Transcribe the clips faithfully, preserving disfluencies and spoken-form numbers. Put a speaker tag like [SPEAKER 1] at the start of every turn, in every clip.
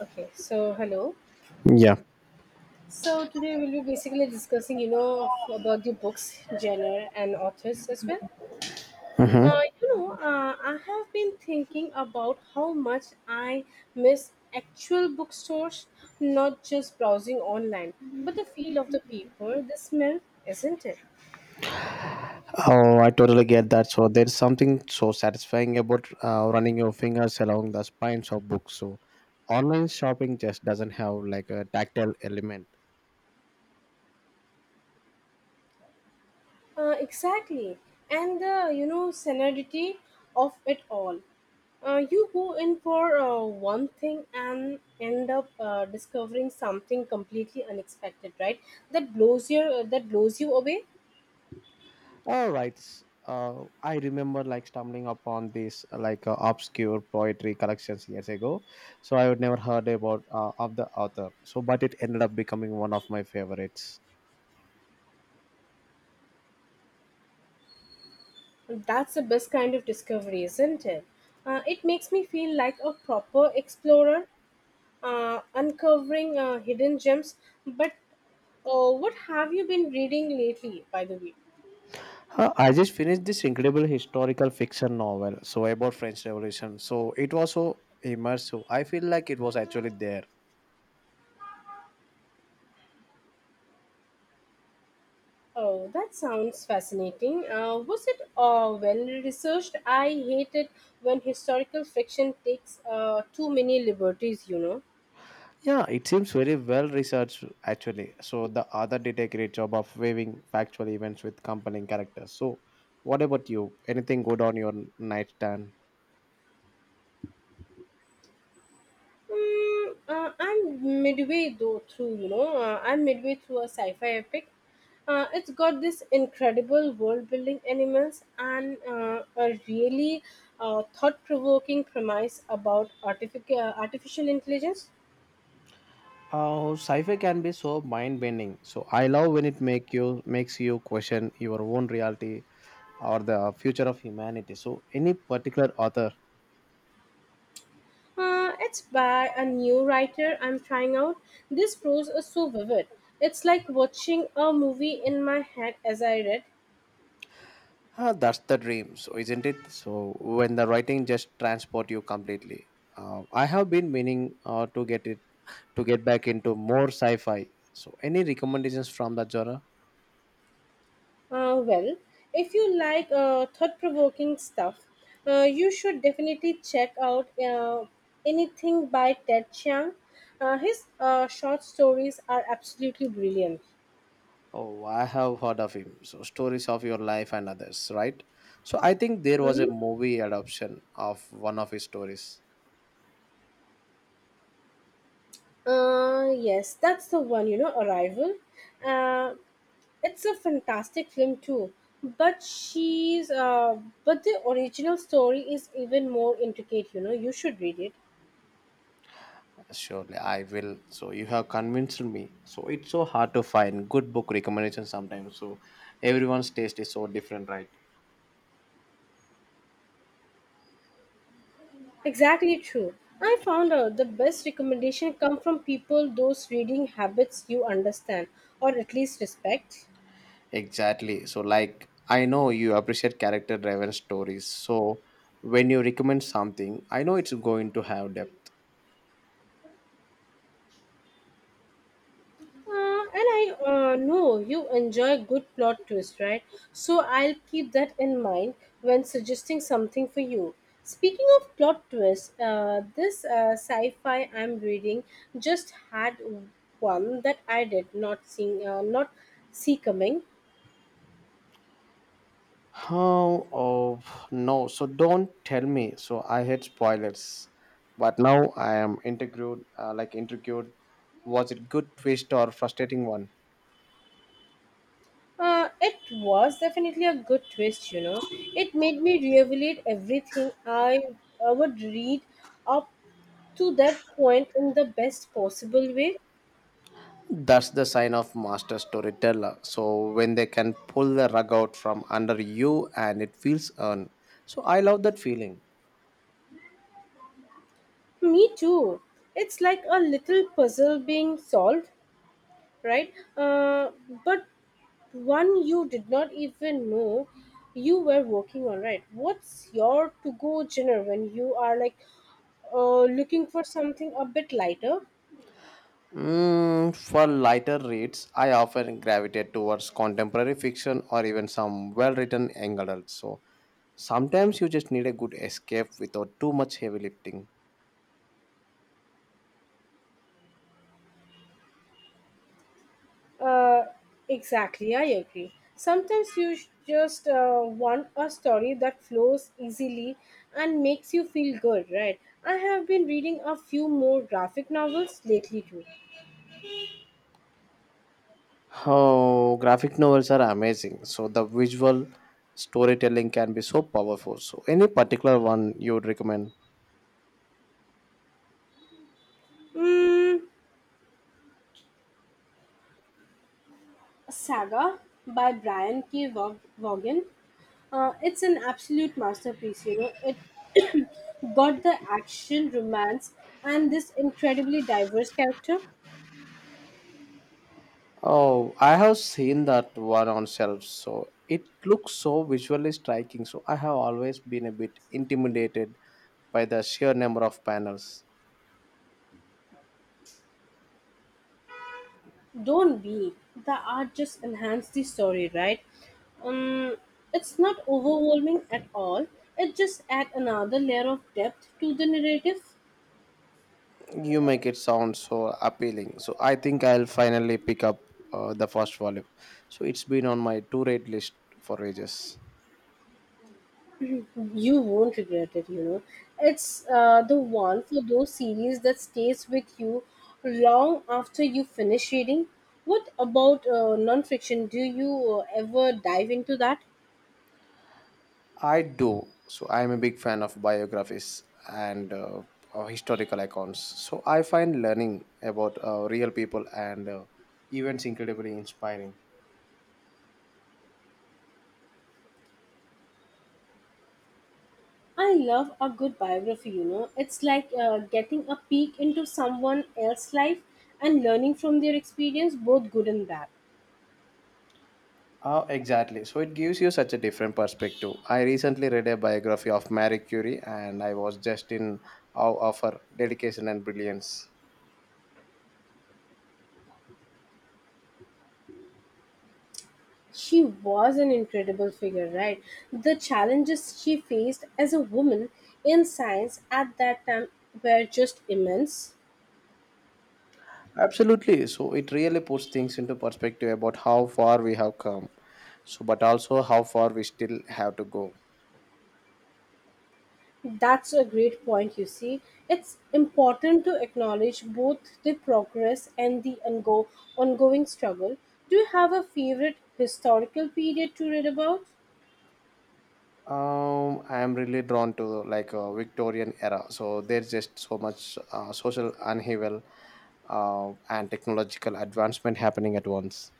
[SPEAKER 1] Okay, so hello.
[SPEAKER 2] Yeah.
[SPEAKER 1] So today we'll be basically discussing, you know, f- about the books genre and authors as well. Uh,
[SPEAKER 2] Mhm.
[SPEAKER 1] you know, uh, I have been thinking about how much I miss actual bookstores, not just browsing online, but the feel of the paper, the smell, isn't it?
[SPEAKER 2] Oh, I totally get that. So there's something so satisfying about uh, running your fingers along the spines of books. So online shopping just doesn't have like a tactile element.
[SPEAKER 1] Uh, exactly. And the, you know, senility of it all. Uh, you go in for uh, one thing and end up uh, discovering something completely unexpected, right? That blows your uh, that blows you away.
[SPEAKER 2] All right. Uh, I remember like stumbling upon these like uh, obscure poetry collections years ago. So I would never heard about uh, of the author. So but it ended up becoming one of my favorites.
[SPEAKER 1] That's the best kind of discovery, isn't it? Uh, it makes me feel like a proper explorer, uh, uncovering uh, hidden gems. But uh, what have you been reading lately, by the way?
[SPEAKER 2] Huh, I just finished this incredible historical fiction novel, so about French Revolution. So it was so immersive. I feel like it was actually there.
[SPEAKER 1] Oh, that sounds fascinating. Uh, was it uh, well researched? I hate it when historical fiction takes uh, too many liberties, you know.
[SPEAKER 2] Yeah, it seems very well researched actually. So the author did a great job of weaving factual events with compelling characters. So what about you? Anything good on your nightstand?
[SPEAKER 1] Mm, uh, I'm midway though through, you know, uh, I'm midway through a sci-fi epic. Uh, it's got this incredible world-building elements and uh, a really uh, thought-provoking premise about artific- uh, artificial intelligence.
[SPEAKER 2] Uh, sci-fi can be so mind-bending. So I love when it make you makes you question your own reality or the future of humanity. So any particular author.
[SPEAKER 1] Uh, it's by a new writer I'm trying out. This prose is so vivid. It's like watching a movie in my head as I read.
[SPEAKER 2] Ah, that's the dream, so isn't it? So when the writing just transport you completely. Uh, I have been meaning uh, to get it to get back into more sci-fi. So any recommendations from that genre?
[SPEAKER 1] Uh, well, if you like uh, thought provoking stuff, uh, you should definitely check out uh, anything by Ted Chiang. Uh, his uh, short stories are absolutely brilliant.
[SPEAKER 2] Oh, I have heard of him. So stories of your life and others, right? So I think there was a
[SPEAKER 1] Mhm.
[SPEAKER 2] movie adaptation of one of his stories.
[SPEAKER 1] Uh, yes, that's the one, you know, Arrival. Uh, it's a fantastic film too. But she's uh, but the original story is even more intricate, you know, you should read it.
[SPEAKER 2] Surely I will. So you have convinced me. So it's so hard to find good book recommendations sometimes. So everyone's taste is so different, right?
[SPEAKER 1] Exactly true. I found out the best recommendation come from people those reading habits you understand or at least respect.
[SPEAKER 2] Exactly. So, like, I know you appreciate character driven stories. So, when you recommend something, I know it's going to have depth.
[SPEAKER 1] Uh, and I uh, know you enjoy good plot twist, right? So I'll keep that in mind when suggesting something for you. Speaking of plot twist, uh, this uh, sci-fi I'm reading just had one that I did not see, uh, not see coming.
[SPEAKER 2] How? Oh, no. So, don't tell me. So, I hate spoilers. But now I am intrigued, uh, like, intrigued. Was it good twist or frustrating one?
[SPEAKER 1] Uh, it was definitely a good twist, you know. It made me reevaluate everything I, I would read up to that point in the best possible way.
[SPEAKER 2] That's the sign of master storyteller. So, when they can pull the rug out from under you and it feels earned. So, I love that feeling.
[SPEAKER 1] Me too. It's like a little puzzle being solved, right? Uh, but one you did not even know you were working on, right? What's your to go dinner when you are like uh, looking for something a bit lighter?
[SPEAKER 2] Mm, for lighter reads, I often gravitate towards contemporary fiction or even some well written adults. So sometimes you just need a good escape without too much heavy lifting.
[SPEAKER 1] Uh, exactly, I agree. Sometimes you sh- just uh, want a story that flows easily and makes you feel good, right? I have been reading a few more graphic novels lately too.
[SPEAKER 2] Oh, graphic novels are amazing. So the visual storytelling can be so powerful. So any particular one you would recommend?
[SPEAKER 1] Mm, Saga by Brian K. Vaug- Vaughan. Uh, it's an absolute masterpiece, you know. It got the action, romance, and this incredibly diverse character.
[SPEAKER 2] Oh, I have seen that one on shelves. So it looks so visually striking. So I have always been a bit intimidated by the sheer number of panels.
[SPEAKER 1] Don't be. The art just enhanced the story, right? Um, it's not overwhelming at all. It just adds another layer of depth to the narrative.
[SPEAKER 2] You make it sound so appealing. So I think I'll finally pick up uh, the first volume. So it's been on my to read list for ages.
[SPEAKER 1] You won't regret it, you know. It's uh, the one for those series that stays with you long after you finish reading. What about uh, non-fiction? Do you uh, ever dive into that?
[SPEAKER 2] I do. So I'm a big fan of biographies and uh, uh, historical accounts. So I find learning about uh, real people and uh, events incredibly inspiring.
[SPEAKER 1] I love a good biography, you know. It's like uh, getting a peek into someone else's life and learning from their experience, both good and bad.
[SPEAKER 2] Oh, exactly. So it gives you such a different perspective. I recently read a biography of Marie Curie and I was just in awe of her dedication and brilliance.
[SPEAKER 1] She was an incredible figure, right? The challenges she faced as a woman in science at that time were just immense.
[SPEAKER 2] Absolutely. So it really puts things into perspective about how far we have come. So, but also how far we still have to go.
[SPEAKER 1] That's a great point, you see. It's important to acknowledge both the progress and the ongo- ongoing struggle. Do you have a favorite historical period to read about?
[SPEAKER 2] Um, I am really drawn to like a Victorian era. So there's just so much uh, social upheaval uh, and technological advancement happening at once.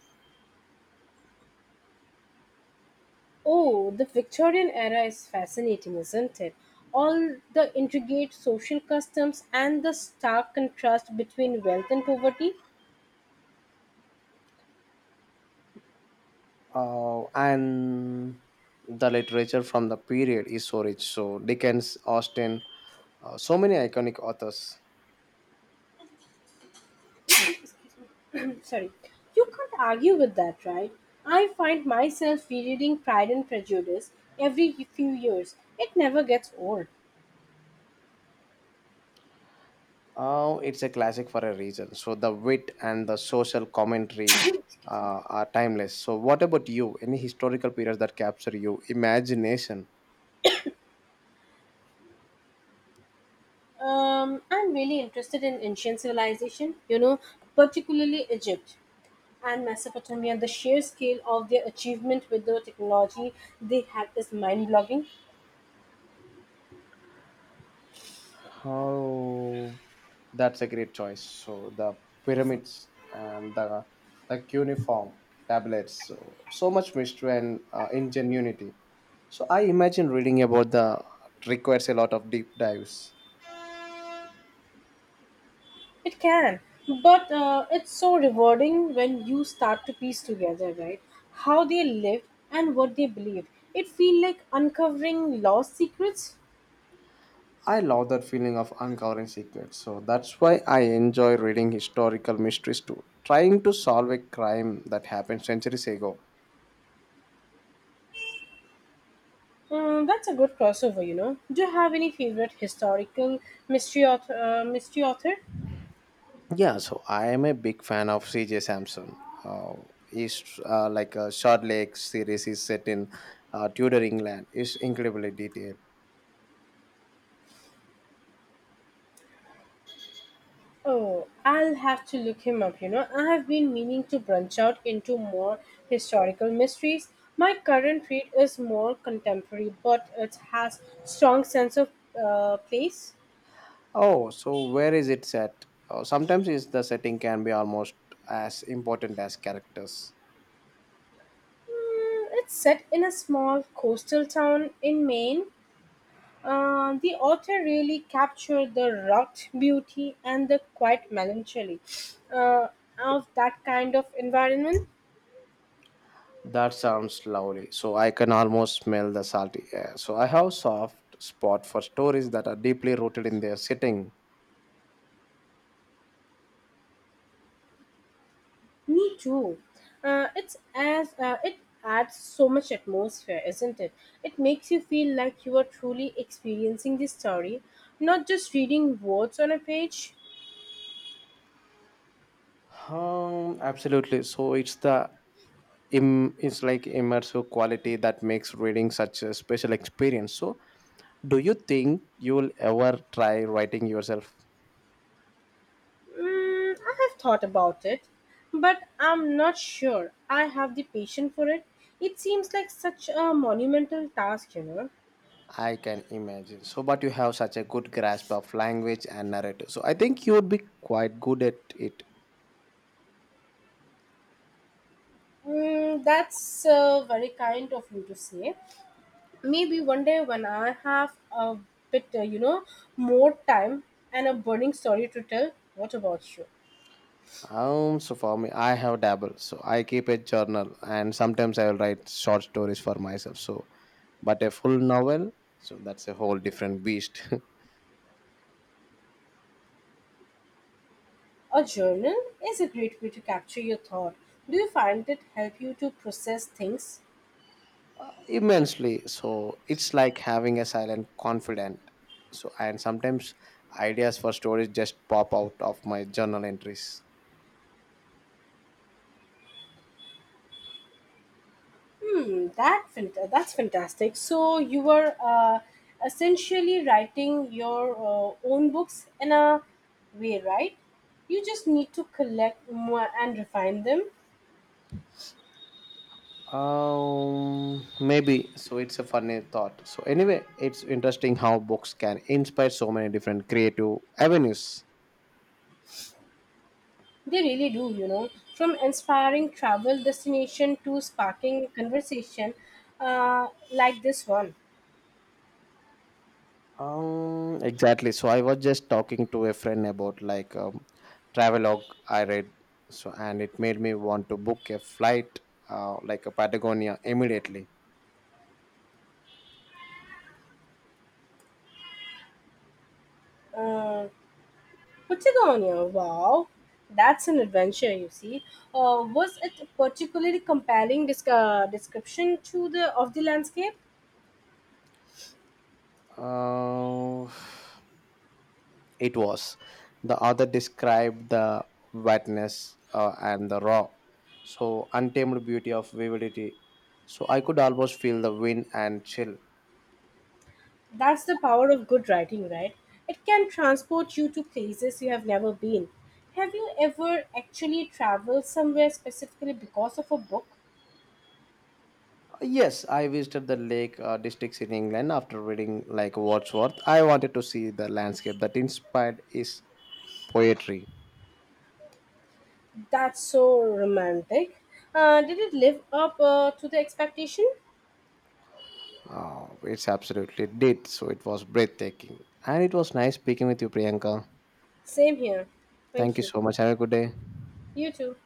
[SPEAKER 1] Oh, the Victorian era is fascinating, isn't it? All the intricate social customs and the stark contrast between wealth and poverty.
[SPEAKER 2] Uh, and the literature from the period is so rich. So Dickens, Austen, uh, so many iconic authors.
[SPEAKER 1] Sorry, you can't argue with that, right? I find myself rereading Pride and Prejudice every few years. It never gets old.
[SPEAKER 2] Oh, it's a classic for a reason. So the wit and the social commentary uh, are timeless. So what about you? Any historical periods that capture you imagination?
[SPEAKER 1] um, I'm really interested in ancient civilization you know particularly Egypt and Mesopotamia. The sheer scale of their achievement with the technology they had is mind-blogging.
[SPEAKER 2] Oh, that's a great choice. So the pyramids and the the cuneiform tablets. So so much mystery and uh, ingenuity. So I imagine reading about the requires a lot of deep dives.
[SPEAKER 1] It can, but uh, it's so rewarding when you start to piece together, right? How they lived and what they believed. It feels like uncovering lost secrets.
[SPEAKER 2] I love that feeling of uncovering secrets. So that's why I enjoy reading historical mysteries too, trying to solve a crime that happened centuries ago.
[SPEAKER 1] Mm, that's a good crossover, you know. Do you have any favorite historical mystery author? Uh, mystery author?
[SPEAKER 2] Yeah, so I am a big fan of C J. Sampson. Uh, he's uh, like a short lake series is set in uh, Tudor England. It's incredibly detailed.
[SPEAKER 1] Oh, I'll have to look him up, you know. I have been meaning to branch out into more historical mysteries. My current read is more contemporary, but it has strong sense of uh, place.
[SPEAKER 2] Oh, so where is it set? Uh, sometimes is the setting can be almost as important as characters.
[SPEAKER 1] Mm, it's set in a small coastal town in Maine. Uh, the author really captured the rugged beauty and the quiet melancholy uh, of that kind of environment.
[SPEAKER 2] That sounds lovely. So I can almost smell the salty air. So I have soft spot for stories that are deeply rooted in their setting.
[SPEAKER 1] Me too. Uh, it's as uh, it adds so much atmosphere, isn't it? It makes you feel like you are truly experiencing the story, not just reading words on a page.
[SPEAKER 2] Um, absolutely. So it's the im- it's like immersive quality that makes reading such a special experience. So do you think you'll ever try writing yourself?
[SPEAKER 1] Mm, I have thought about it, but I'm not sure I have the patience for it. It seems like such a monumental task, you know.
[SPEAKER 2] I can imagine. So but you have such a good grasp of language and narrative. So I think you would be quite good at it.
[SPEAKER 1] Mm, that's uh, very kind of you to say. Maybe one day when I have a bit, uh, you know, more time and a burning story to tell, what about you?
[SPEAKER 2] Um, so for me, I have dabble. So I keep a journal, and sometimes I will write short stories for myself. So, but a full novel, so that's a whole different beast.
[SPEAKER 1] A journal is a great way to capture your thought. Do you find it help you to process things?
[SPEAKER 2] Immensely. So it's like having a silent confidant. So and sometimes ideas for stories just pop out of my journal entries.
[SPEAKER 1] Hmm, that fant- that's fantastic. So you were uh, essentially writing your uh, own books in a way, right? You just need to collect more and refine them.
[SPEAKER 2] Um, maybe. So it's a funny thought. So anyway, it's interesting how books can inspire so many different creative avenues.
[SPEAKER 1] They really do, you know. From inspiring travel destination to sparking conversation uh, like this one.
[SPEAKER 2] Um, exactly. So I was just talking to a friend about like um, travelogue I read, so and it made me want to book a flight uh, like a Patagonia immediately.
[SPEAKER 1] Uh, Patagonia, wow. That's an adventure, you see. Uh, was it a particularly compelling disc- uh, description to the of the landscape?
[SPEAKER 2] Uh, it was the author described the wetness uh, and the raw, so untamed beauty of vividity. So I could almost feel the wind and chill.
[SPEAKER 1] That's the power of good writing, right? It can transport you to places you have never been. Have you ever actually traveled somewhere specifically because of a book?
[SPEAKER 2] Yes, I visited the lake uh, districts in England after reading like Wordsworth. I wanted to see the landscape that inspired his poetry.
[SPEAKER 1] That's so romantic. Uh, did it live up uh, to the expectation?
[SPEAKER 2] It's absolutely did. So it was breathtaking. And it was nice speaking with you, Priyanka.
[SPEAKER 1] Same here.
[SPEAKER 2] Thank
[SPEAKER 1] Thank
[SPEAKER 2] you
[SPEAKER 1] you.
[SPEAKER 2] so much. Have a good day.
[SPEAKER 1] You too.